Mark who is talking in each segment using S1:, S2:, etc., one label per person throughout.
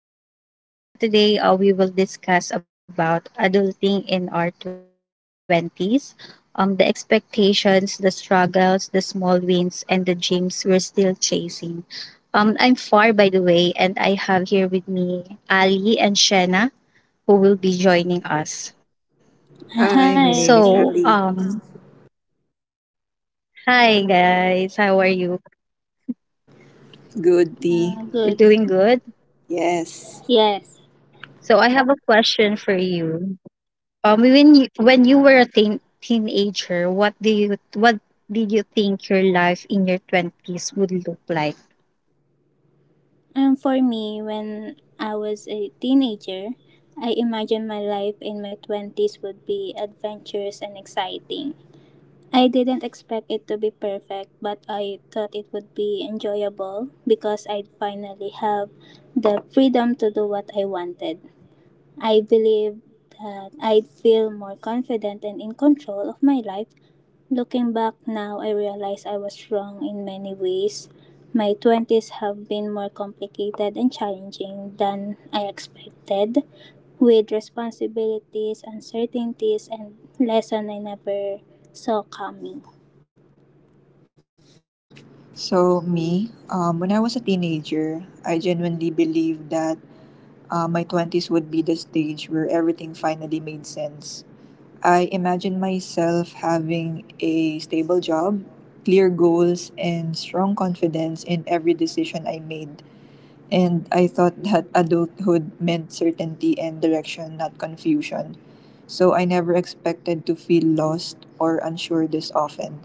S1: Another day, another episode. For today, we will discuss about adulting in our 20s, the expectations, the struggles, the small wins, and the dreams we're still chasing. I'm Far, by the way, and I have here with me Ali and Shenna, who will be joining us.
S2: Hi,
S3: Uh,
S2: my name is
S3: Hi,
S1: So,
S2: Ali.
S1: hi, guys. How are you?
S2: Good
S1: You're
S2: D.
S3: uh,
S1: doing
S3: good.
S1: good?
S2: Yes.
S3: Yes.
S1: So, I have a question for you. Um, when you were a teenager, what do you what did you think your life in your twenties would look like?
S3: For me, when I was a teenager, I imagined my life in my 20s would be adventurous and exciting. I didn't expect it to be perfect, but I thought it would be enjoyable because I'd finally have the freedom to do what I wanted. I believed that I'd feel more confident and in control of my life. Looking back now, I realize I was wrong in many ways. My 20s have been more complicated and challenging than I expected, with responsibilities, uncertainties, and lessons I never saw coming.
S2: So me, when I was a teenager, I genuinely believed that my twenties would be the stage where everything finally made sense. I imagined myself having a stable job, clear goals, and strong confidence in every decision I made. And I thought that adulthood meant certainty and direction, not confusion. So I never expected to feel lost or unsure this often.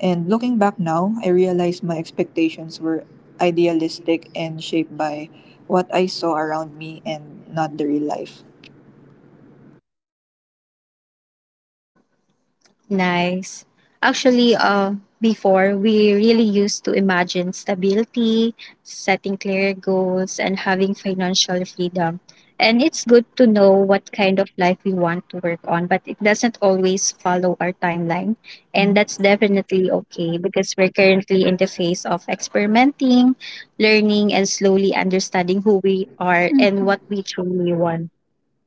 S2: And looking back now, I realize my expectations were idealistic and shaped by what I saw around me and not the real life.
S1: Nice. Actually, before we really used to imagine stability, setting clear goals, and having financial freedom. And it's good to know what kind of life we want to work on, but it doesn't always follow our timeline. And
S2: Mhm.
S1: that's definitely okay because we're currently in the phase of experimenting, learning, and slowly understanding who we are
S3: Mhm.
S1: and what we truly want.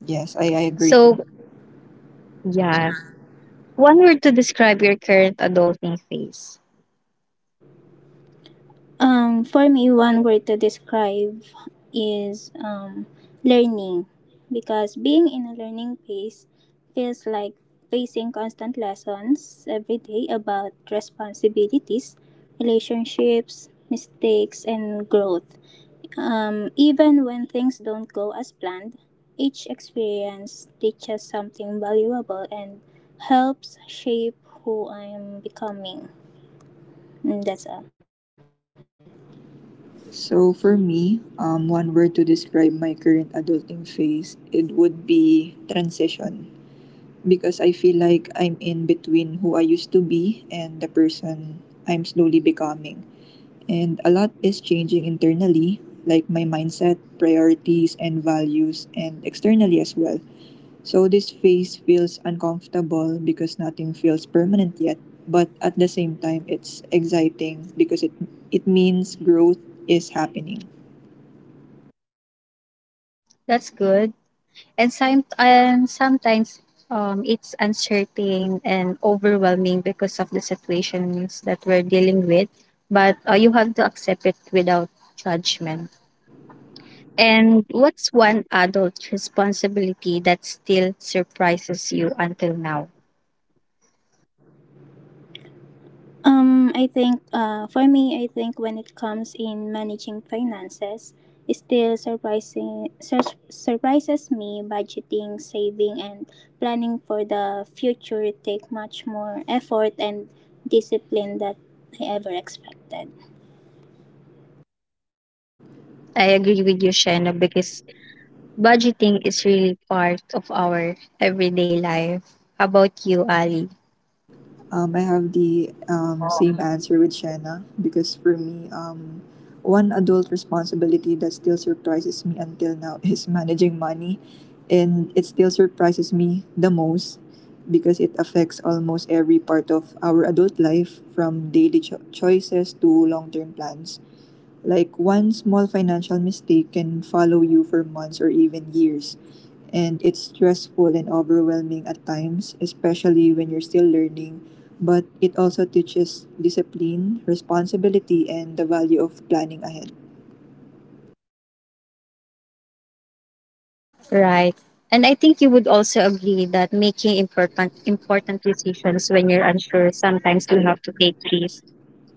S2: Yes, I agree. Too.
S1: So, yeah. One word to describe your current adulting phase.
S3: For me, one word to describe is learning, because being in a learning phase feels like facing constant lessons every day about responsibilities, relationships, mistakes, and growth. Even when things don't go as planned, each experience teaches something valuable and helps shape who I am becoming. And that's all.
S2: So for me, one word to describe my current adulting phase, it would be transition, because I feel like I'm in between who I used to be and the person I'm slowly becoming. And a lot is changing internally, like my mindset, priorities, and values, and externally as well. So this phase feels uncomfortable because nothing feels permanent yet, but at the same time, it's exciting because it means growth is happening.
S1: That's good. And sometimes it's uncertain and overwhelming because of the situations that we're dealing with, but you have to accept it without judgment. And what's one adult responsibility that still surprises you until now?
S3: I think for me, I think when it comes in managing finances, it still surprising surprises me. Budgeting, saving, and planning for the future take much more effort and discipline that I ever expected.
S1: I agree with you, Shano, because budgeting is really part of our everyday life. How about you, Ali?
S2: I have the same answer with Shanna because for me, one adult responsibility that still surprises me until now is managing money. And it still surprises me the most because it affects almost every part of our adult life, from daily choices to long term plans. Like one small financial mistake can follow you for months or even years. And it's stressful and overwhelming at times, especially when you're still learning. But it also teaches discipline, responsibility, and the value of planning ahead.
S1: Right. And I think you would also agree that making important decisions when you're unsure, sometimes you have to take risks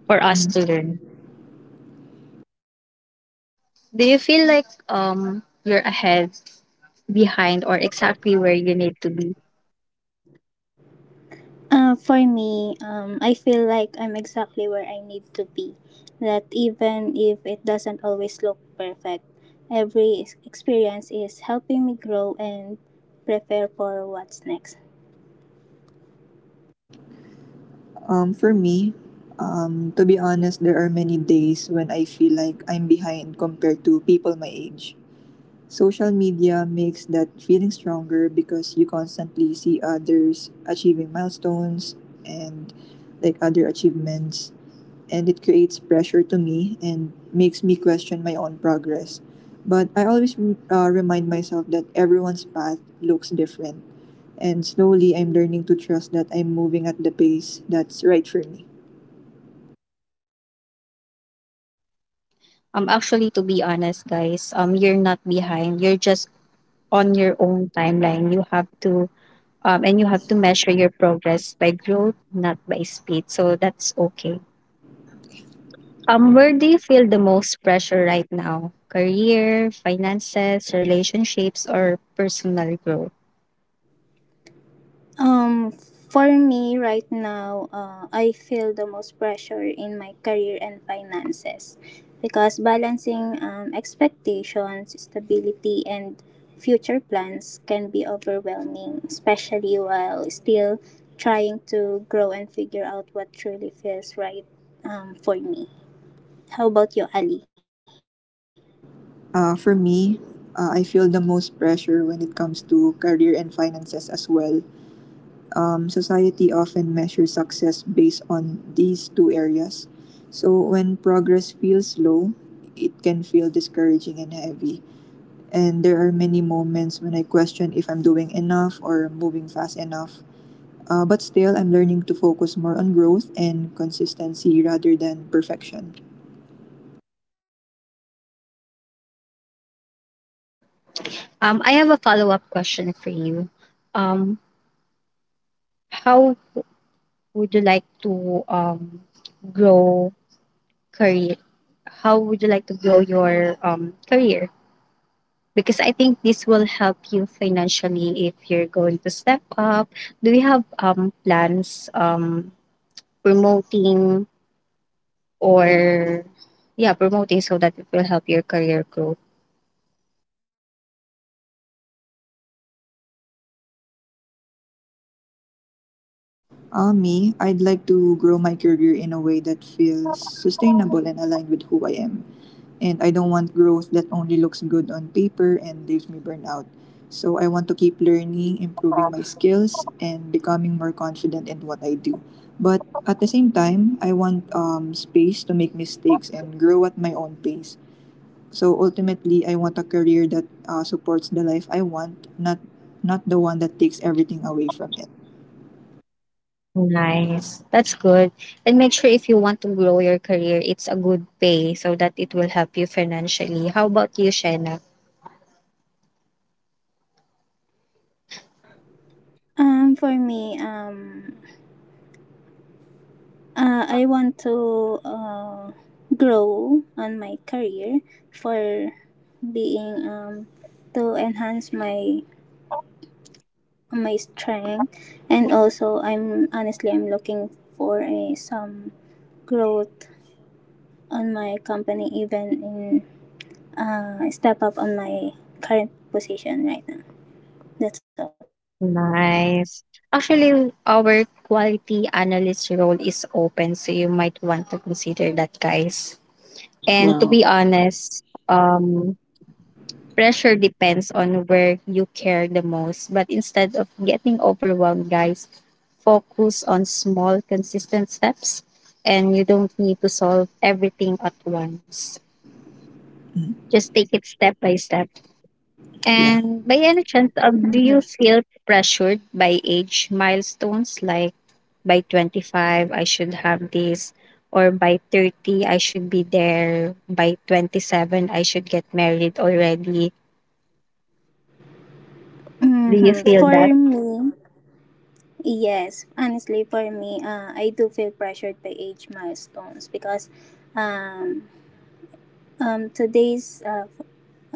S1: for us
S2: Mhm.
S1: to learn. Do you feel like you're ahead, behind, or exactly where you need to be?
S3: For me, I feel like I'm exactly where I need to be. That even if it doesn't always look perfect, every experience is helping me grow and prepare for what's next.
S2: For me, to be honest, there are many days when I feel like I'm behind compared to people my age. Social media makes that feeling stronger because you constantly see others achieving milestones and like other achievements, and it creates pressure to me and makes me question my own progress. But I always remind myself that everyone's path looks different, and slowly I'm learning to trust that I'm moving at the pace that's right for me.
S1: Actually, to be honest, guys, you're not behind. You're just on your own timeline. You have to measure your progress by growth, not by speed. So that's okay. Where do you feel the most pressure right now? Career, finances, relationships, or personal growth?
S3: For me right now, I feel the most pressure in my career and finances because balancing expectations, stability, and future plans can be overwhelming, especially while still trying to grow and figure out what truly feels right for me. How about you, Ali?
S2: For me, I feel the most pressure when it comes to career and finances as well. Um, society often measures success based on these two areas. So when progress feels slow, it can feel discouraging and heavy. And there are many moments when I question if I'm doing enough or moving fast enough. But still, I'm learning to focus more on growth and consistency rather than perfection.
S1: I have a follow up question for you. Um, how would you like to grow career? How would you like to grow your career? Because I think this will help you financially if you're going to step up. Do you have plans promoting, or yeah, promoting, so that it will help your career growth?
S2: Me, I'd like to grow my career in a way that feels sustainable and aligned with who I am. And I don't want growth that only looks good on paper and leaves me burned out. So I want to keep learning, improving my skills, and becoming more confident in what I do. But at the same time, I want space to make mistakes and grow at my own pace. So ultimately, I want a career that supports the life I want, not the one that takes everything away from it.
S1: Nice. That's good. And make sure if you want to grow your career, it's a good pay so that it will help you financially. How about you, Shena?
S3: For me, I want to grow on my career for being to enhance my strength, and also I'm honestly I'm looking for a, some growth on my company, even in step up on my current position right now. That's all.
S1: Nice. Actually, our quality analyst role is open, so you might want to consider that, guys. And to
S2: Wow.
S1: be honest, pressure depends on where you care the most, but instead of getting overwhelmed, guys, focus on small, consistent steps, and you don't need to solve everything at once.
S2: Mm,
S1: Just take it step by step.
S2: yeah.
S1: And by any chance, do you feel pressured by age milestones, like by 25, I should have this, or by 30, I should be there, by 27, I should get married already? Do you
S3: Mm-hmm.
S1: feel
S3: For
S1: that?
S3: me, yes, honestly, for me, I do feel pressured by age milestones because um, today's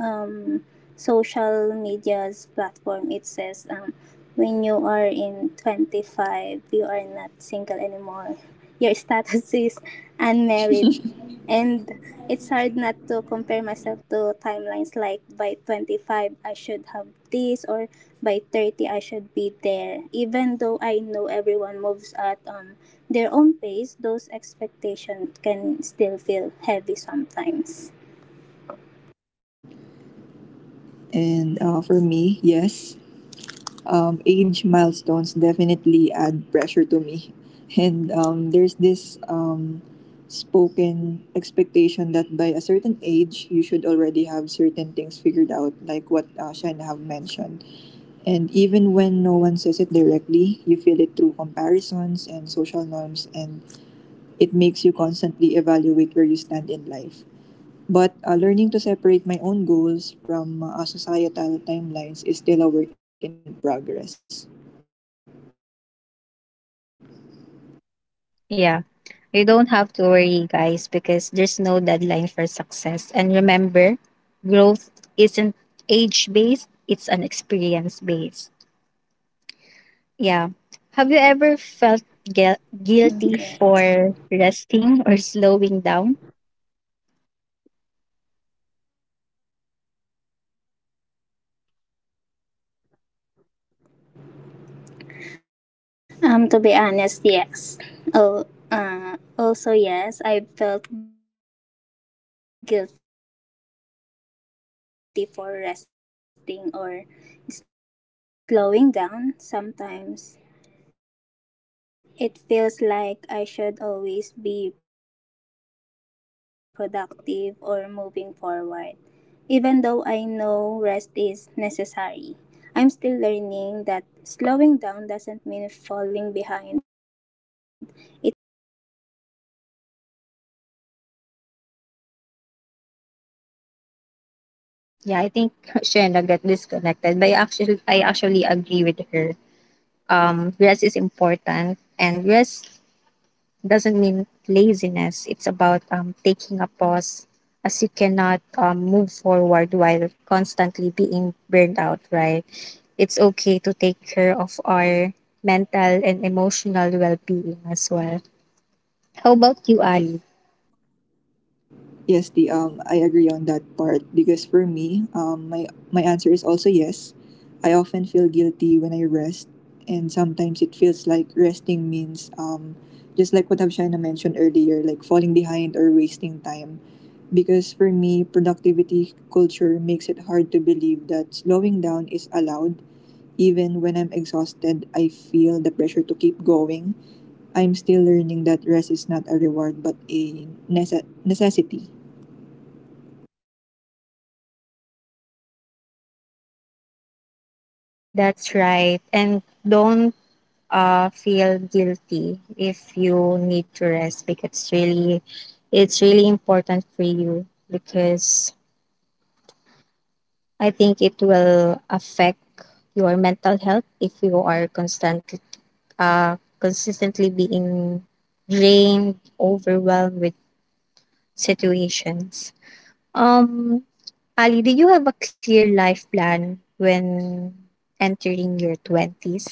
S3: um, social media's platform, it says when you are in 25, you are not single anymore. Your status is unmarried, and it's hard not to compare myself to timelines like by 25 I should have this or by 30 I should be there. Even though I know everyone moves at their own pace, those expectations can still feel heavy sometimes.
S2: And for me, yes, age milestones definitely add pressure to me. And there's this spoken expectation that by a certain age, you should already have certain things figured out, like what Shen have mentioned. And even when no one says it directly, you feel it through comparisons and social norms, and it makes you constantly evaluate where you stand in life. But learning to separate my own goals from societal timelines is still a work in progress.
S1: Yeah. You don't have to worry, guys, because there's no deadline for success. And remember, growth isn't age based, it's an experience based. Yeah. Have you ever felt guilty for resting or slowing down?
S3: Mm, correct. To be honest, yes. Oh, also yes, I felt guilty for resting or slowing down sometimes. It feels like I should always be productive or moving forward. Even though I know rest is necessary, I'm still learning that slowing down doesn't mean falling behind. It's part of taking care of myself. That's it.
S1: Yeah, I think Shena got disconnected, but I actually agree with her. Rest is important, and rest doesn't mean laziness. It's about taking a pause, as you cannot move forward while constantly being burned out, right? It's okay to take care of our mental and emotional well being as well. How about you, Ali?
S2: Yes, the I agree on that part because for me, my answer is also yes. I often feel guilty when I rest, and sometimes it feels like resting means just like what Havshana mentioned earlier, like falling behind or wasting time. Because for me, productivity culture makes it hard to believe that slowing down is allowed. Even when I'm exhausted, I feel the pressure to keep going. I'm still learning that rest is not a reward but a necessity.
S1: That's right. And don't feel guilty if you need to rest because really it's really important for you, because I think it will affect your mental health if you are constant, consistently being drained, overwhelmed with situations. Um, Ali, did you have a clear life plan when entering your 20s?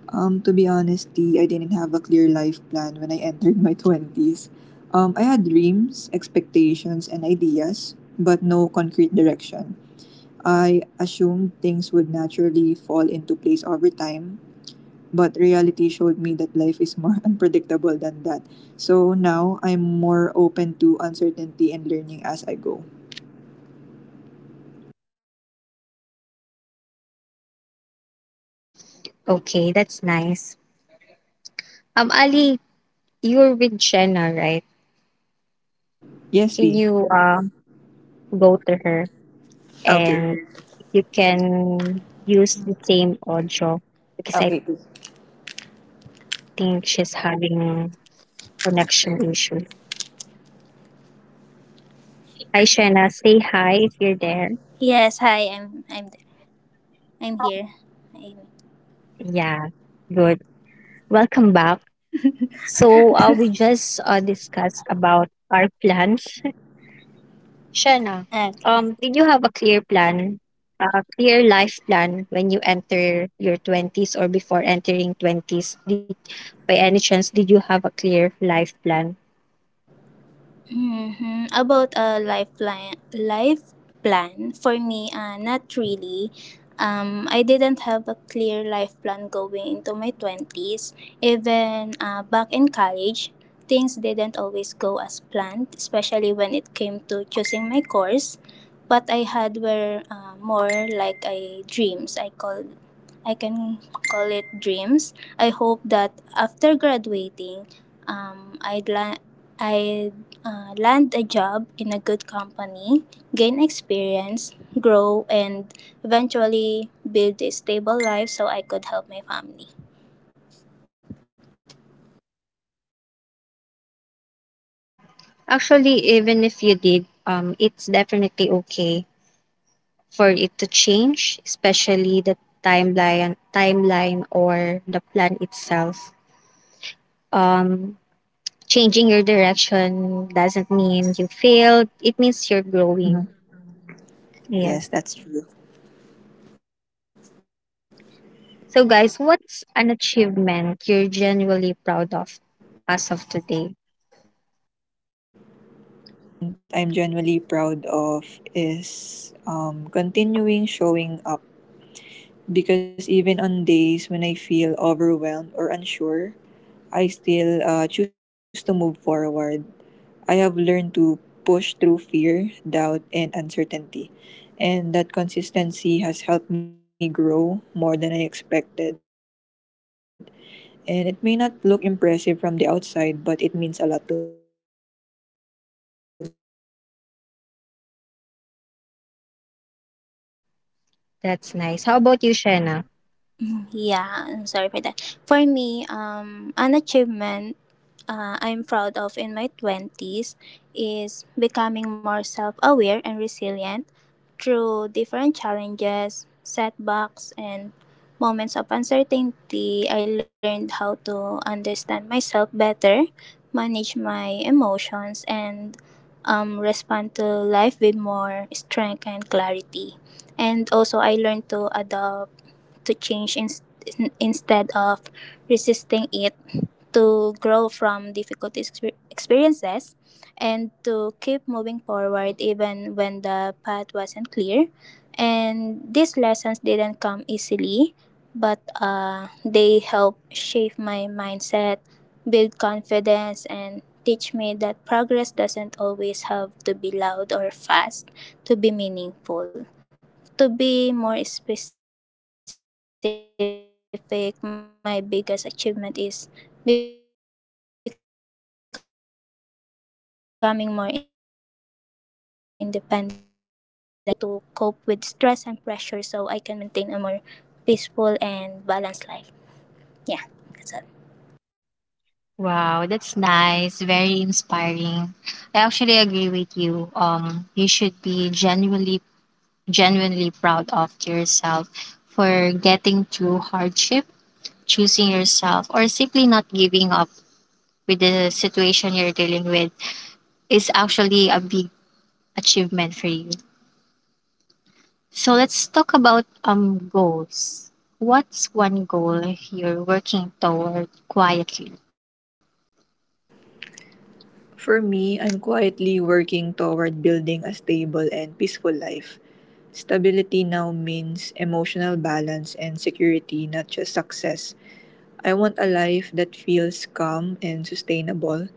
S2: To be honestly, I didn't have a clear life plan when I entered my 20s. I had dreams, expectations, and ideas, but no concrete direction. I assumed things would naturally fall into place over time, but reality showed me that life is more unpredictable than that. So now I'm more open to uncertainty and learning as I go.
S1: Okay, that's nice. Ali, you're with Jenna, right?
S2: Yes,
S1: Can
S2: T.
S1: you go to her and
S2: Okay.
S1: you can use the same audio, because I
S2: Okay. T.
S1: think she's having connection issue. Hi, Shena. Say hi if you're there.
S2: Yes, hi. I'm there. I'm here. I,
S1: Yeah, good. Welcome back. So, we just discussed about our plans. Shena,
S2: okay.
S1: did you have a clear plan, a clear life plan when you enter your 20s or before entering 20s? Did, by any chance, did you have a clear life plan?
S2: Mm-hmm. About a life plan for me, not really. I didn't have a clear life plan going into my twenties. Even back in college, things didn't always go as planned, especially when it came to choosing my course. What I had were more like a dreams. I can call it dreams. I hope that after graduating, I'd la- I land a job in a good company, gain experience, grow, and eventually build a stable life so I could help my family.
S1: Actually, even if you did, it's definitely okay for it to change, especially the timeline or the plan itself. Um, changing your direction doesn't mean you failed. It means you're
S2: Mhm.
S1: growing.
S2: Yes, that's
S1: Yeah.
S2: true.
S1: So, guys, what's an achievement you're genuinely proud of as of today?
S2: So, an achievement I'm genuinely proud of is continuing showing up because even on days when I feel overwhelmed or unsure, I still choose to move forward. I have learned to push through fear, doubt, and uncertainty. And that consistency has helped me grow more than I expected. And it may not look impressive from the outside, but it means a lot to me.
S1: That's nice. How
S2: And
S1: about you, Shena?
S2: yeah, I'm sorry for that. For me, an achievement I'm proud of in my 20s is becoming more self aware and resilient through different challenges, setbacks, and moments of uncertainty. I learned how to understand myself better, manage my emotions, and respond to life with more strength and clarity. And also, I learned to adopt to change instead of resisting it, to grow from difficult experiences, and to keep moving forward even when the path wasn't clear. And these lessons didn't come easily, but they helped shape my mindset, build confidence, and teach me that progress doesn't always have to be loud or fast to be meaningful. To be more specific, my biggest achievement is becoming more independent and earning money through my own hard work. And a smaller but equally important achievement is learning how to cope with stress and pressure so I can maintain a more peaceful and balanced life. Yeah, that's all.
S1: Wow, that's nice. Very inspiring. I actually agree with you. You should be genuinely proud of yourself for getting through hardship, choosing yourself, or simply not giving up with the situation you're dealing with is actually a big achievement for you. So let's talk about goals. What's one goal you're working toward quietly?
S2: For me, I'm quietly working toward building a stable and peaceful life. Stability now means emotional balance and security, not just success. I want a life that feels calm and sustainable.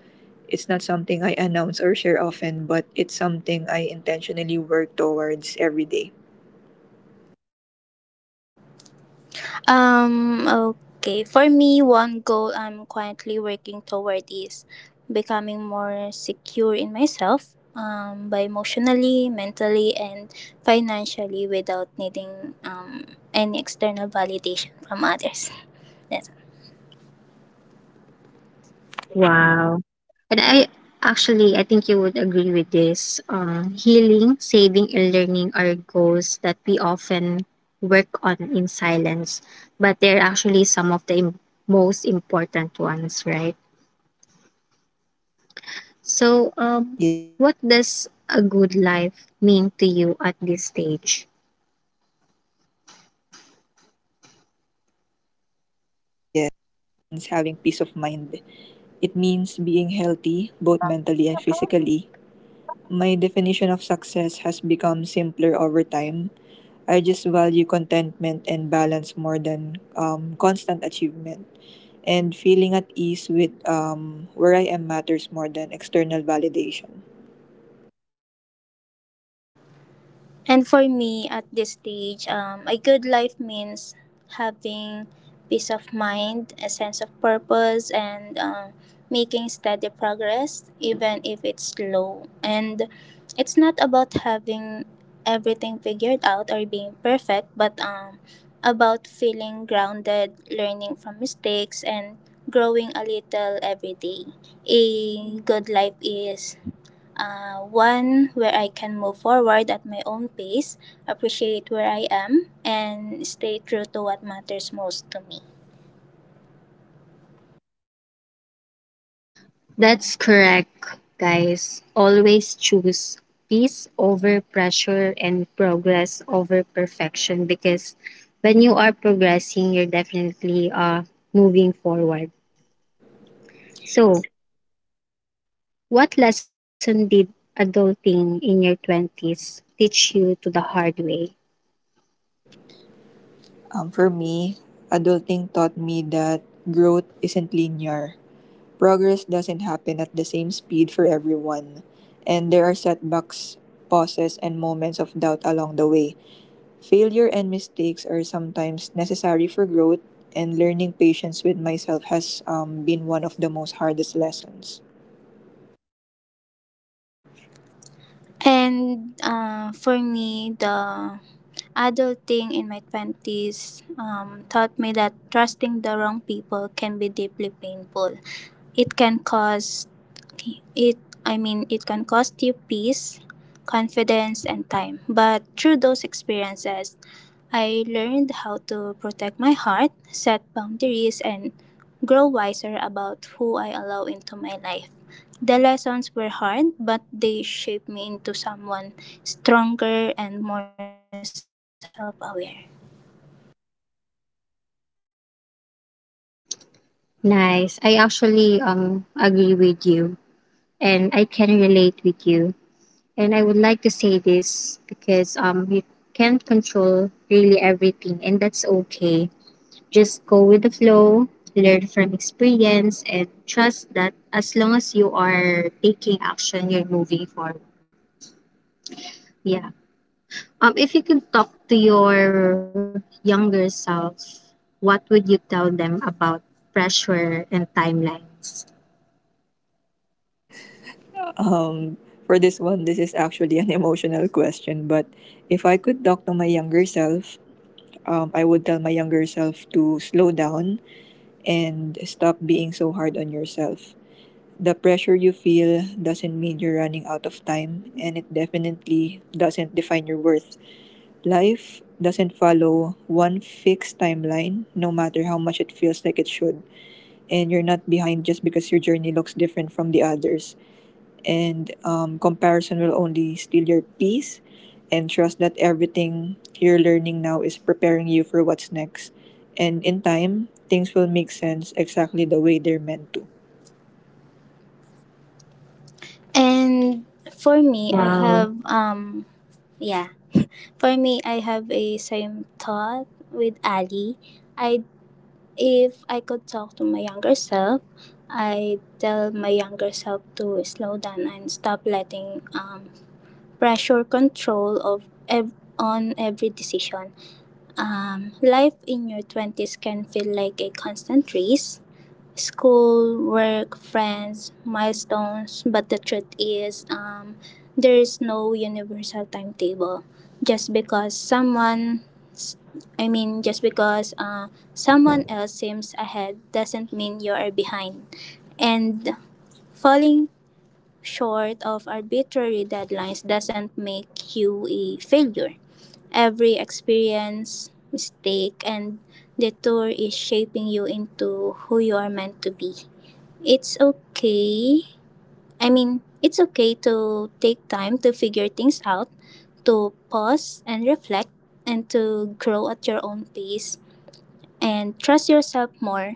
S2: It's not something I announce or share often, but it's something I intentionally work towards every day. Okay. For me, one goal I'm quietly working toward is becoming more secure in myself, by emotionally, mentally, and financially without needing any external validation from others. That's
S1: Wow. And I think you would agree with this. Healing, saving, and learning are goals that we often work on in silence, but they're actually some of the most important ones, right?
S2: Yes.
S1: So, what does a good life mean to you at this stage?
S2: At this stage, good life means having peace of mind. It means being healthy, both mentally and physically. My definition of success has become simpler over time. I just value contentment and balance more than constant achievement. And feeling at ease with where I am matters more than external validation. And for me at this stage, a good life means having peace of mind, a sense of purpose, and making steady progress, even if it's slow. And it's not about having everything figured out or being perfect, but about feeling grounded, learning from mistakes, and growing a little every day. A good life is one where I can move forward at my own pace, appreciate where I am, and stay true to what matters most to me.
S1: That's correct, guys. Always choose peace over pressure and progress over perfection, because when you are progressing, you're definitely moving forward. So, what lesson did adulting in your 20s teach you to the hard way?
S2: For me, adulting taught me that growth isn't linear. Progress doesn't happen at the same speed for everyone, and there are setbacks, pauses, and moments of doubt along the way. Failure and mistakes are sometimes necessary for growth, and learning patience with myself has been one of the most hardest lessons. And for me, the adulting in my 20s taught me that trusting the wrong people can be deeply painful. It can cause it I mean, it can cost you peace, confidence, and time. But through those experiences, I learned how to protect my heart, set boundaries, and grow wiser about who I allow into my life. The lessons were hard, but they shaped me into someone stronger and more self aware.
S1: Nice. I actually agree with you and I can relate with you. And I would like to say this because you can't control really everything and that's okay. Just go with the flow, learn from experience, and trust that as long as you are taking action, you're moving forward. Yeah. If you could talk to your younger self, what would you tell them about pressure and timelines?
S2: For this one, this is actually an emotional question, but if I could talk to my younger self, I would tell my younger self to slow down and stop being so hard on yourself. The pressure you feel doesn't mean you're running out of time, and it definitely doesn't define your worth. Life doesn't follow one fixed timeline, no matter how much it feels like it should, and you're not behind just because your journey looks different from the others, and comparison will only steal your peace. And trust that everything you're learning now is preparing you for what's next, and in time things will make sense exactly the way they're meant to. And for me, I
S1: Wow.
S2: have yeah. For me, I have a same thought with Ali. I If I could talk to my younger self, I tell my younger self to slow down and stop letting pressure control of on every decision. Life in your 20s can feel like a constant race: school, work, friends, milestones. But the truth is, there is no universal timetable. Just because someone I mean, just because someone else seems ahead doesn't mean you are behind. And falling short of arbitrary deadlines doesn't make you a failure. Every experience, mistake, and detour is shaping you into who you are meant to be. It's okay. I mean, it's okay to take time to figure things out, to pause and reflect, and to grow at your own pace. And trust yourself more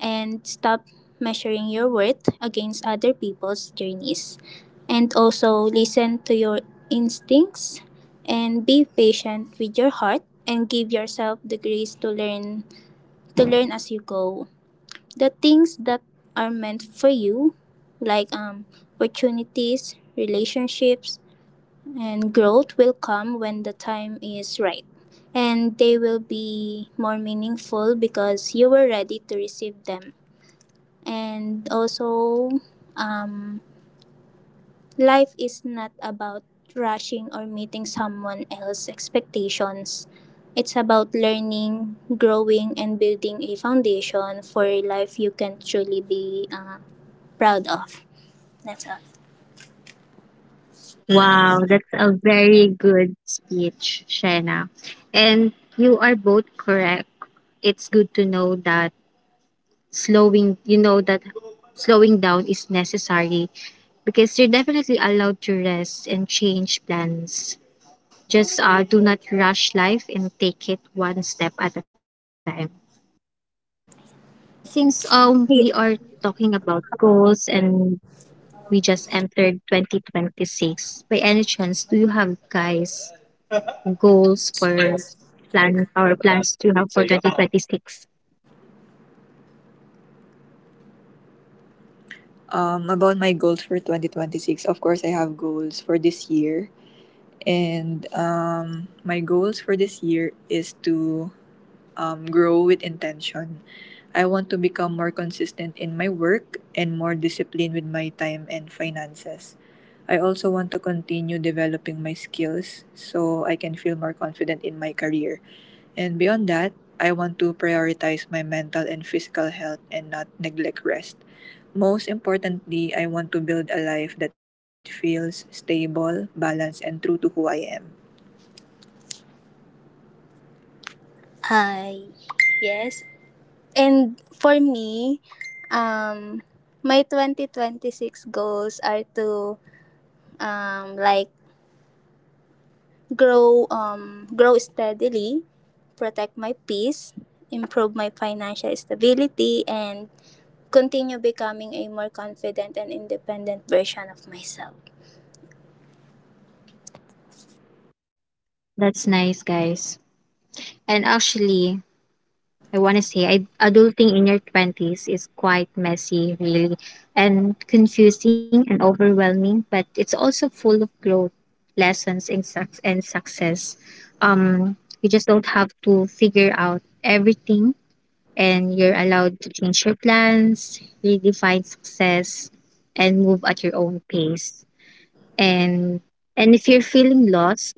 S2: and stop measuring your worth against other people's journeys. And also listen to your instincts and be patient with your heart and give yourself the grace to learn as you go. The things that are meant for you, like opportunities, relationships and growth, will come when the time is right, and they will be more meaningful because you were ready to receive them. And also, um, life is not about rushing or meeting someone else's expectations. It's about learning, growing and building a foundation for a life you can truly be proud of. That's all.
S1: Wow, that's a very good speech, Shena. And you are both correct. It's good to know that slowing, you know, that slowing down is necessary because you're definitely allowed to rest and change plans. Just do not rush life and take it one step at a time. And since we are
S2: Ye-
S1: talking about goals and we just entered 2026, by any chance, do you have guys goals for plan our plans to have for 2026.
S2: About my goals for 2026, of course, I have goals for this year. And my goals for this year is to grow with intention. I want to become more consistent in my work and more disciplined with my time and finances. I also want to continue developing my skills so I can feel more confident in my career. And beyond that, I want to prioritize my mental and physical health and not neglect rest. Most importantly, I want to build a life that feels stable, balanced, and true to who I am. Hi. Yes. And for me, um my 2026 goals are to um like grow steadily, protect my peace, improve my financial stability and continue becoming a more confident and independent version of myself.
S1: That's nice, guys. And actually, I want to say I, adulting in your 20s is quite messy, really, and confusing and overwhelming, but it's also full of growth, lessons, and success. Um, you just don't have to figure out everything, and you're allowed to change your plans, redefine success, and move at your own pace. and and if you're feeling lost,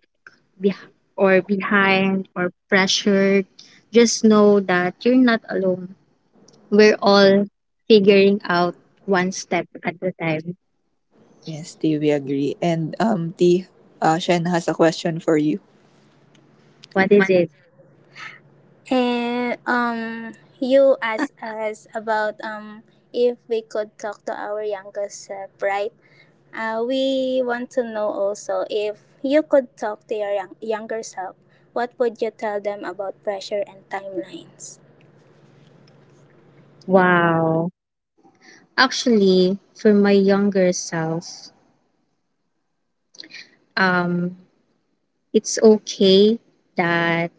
S1: beh- or behind, or pressured, just know that you're not alone. We're all figuring out one step at a time.
S2: Yes, T, we agree. And T, Shen has a question for you.
S1: What is it?
S2: And you asked us about if we could talk to our youngest self, right? We want to know also, if you could talk to your younger self, what would you tell them about pressure and timelines?
S1: Wow. Actually, for my younger self, um it's okay that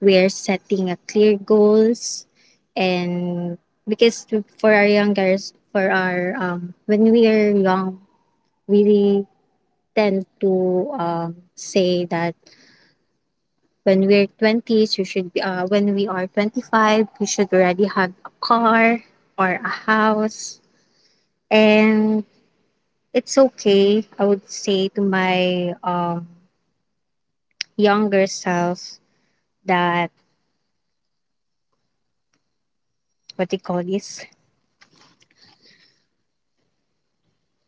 S1: we're setting a clear goals and because for our younger for our when we are young, we tend to say that when we're 20s, you should be, when we are 25, you should already have a car or a house. And it's okay, I would say to my younger self that, what do you call this?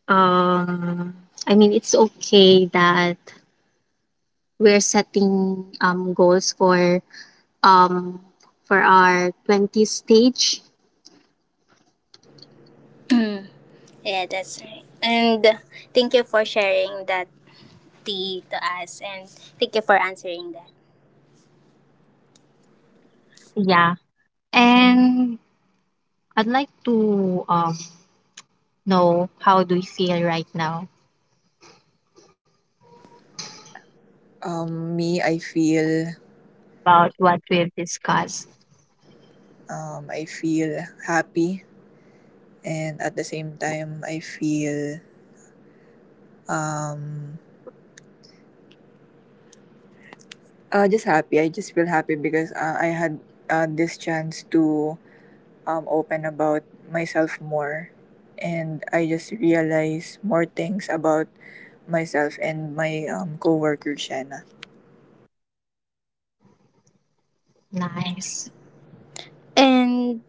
S1: Um, I mean, it's okay that we're setting goals um, for our twenties stage.
S2: Yeah, that's right. And thank you for sharing that, tea, to us, and thank you for answering that.
S1: Yeah. And I'd like to know how do you feel right now
S2: Me,
S1: about what we've discussed.
S2: I feel happy, and at the same time, I feel um just happy. I just feel happy because I had this chance to open about myself more, and I just realize more things about myself and my coworker Shanna.
S1: Nice.
S2: And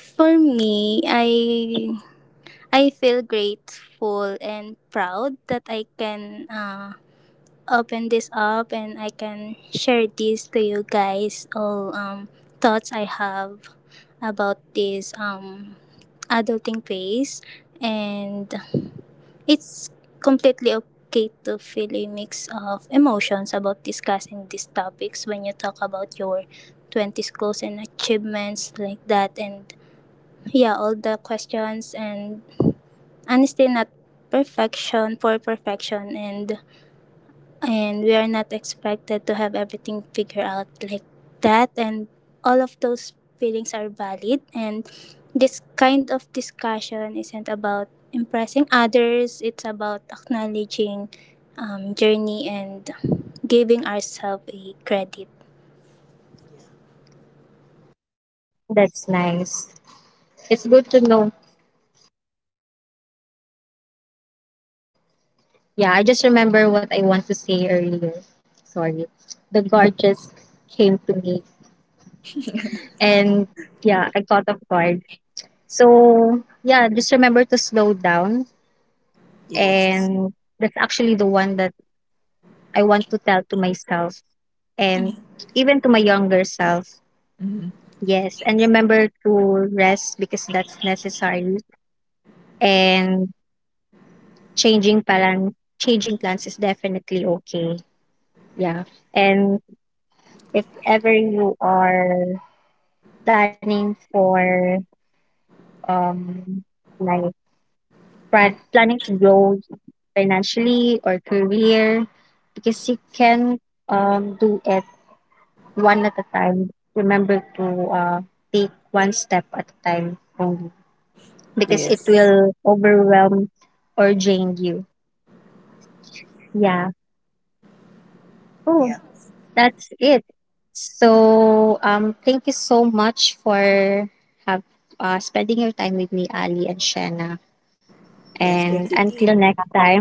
S2: for me, I feel grateful and proud that I can open this up and I can share this to you guys all thoughts I have about this adulting phase. And it's completely okay to feel a mix of emotions about discussing these topics when you talk about your 20s goals and achievements like that, and yeah, all the questions, and honestly not perfection for perfection and we are not expected to have everything figured out like that, and all of those feelings are valid. And this kind of discussion isn't about impressing others, it's about acknowledging journey and giving ourselves a credit.
S1: That's nice. It's good to know. Yeah, I just remember what I want to say earlier. Sorry. The guard just came to me and yeah, I caught off guard. So yeah, just remember to slow down
S2: Yes.
S1: and that's actually the one that I want to tell to myself and even to my younger self.
S2: Hmm.
S1: Yes, and remember to rest because that's necessary. And changing plan, changing plans is definitely okay. Yeah, and if ever you are planning for um like planning to grow financially or career, because you can do it one at a time. Remember to uh take one step at a time only, because it
S2: Yes.
S1: will overwhelm or drain you. Yeah. Oh,
S2: Yeah.
S1: that's it. So, thank you so much for have spending your time with me, Ali and Shanna.
S2: Yes.
S1: And
S2: Thank you,
S1: until
S2: T.
S1: next time,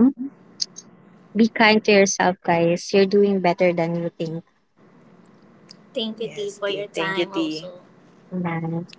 S1: be kind to yourself, guys. You're doing better than you think.
S2: thank you Dee, Yes, for your Thank you, time T. also
S1: Nice.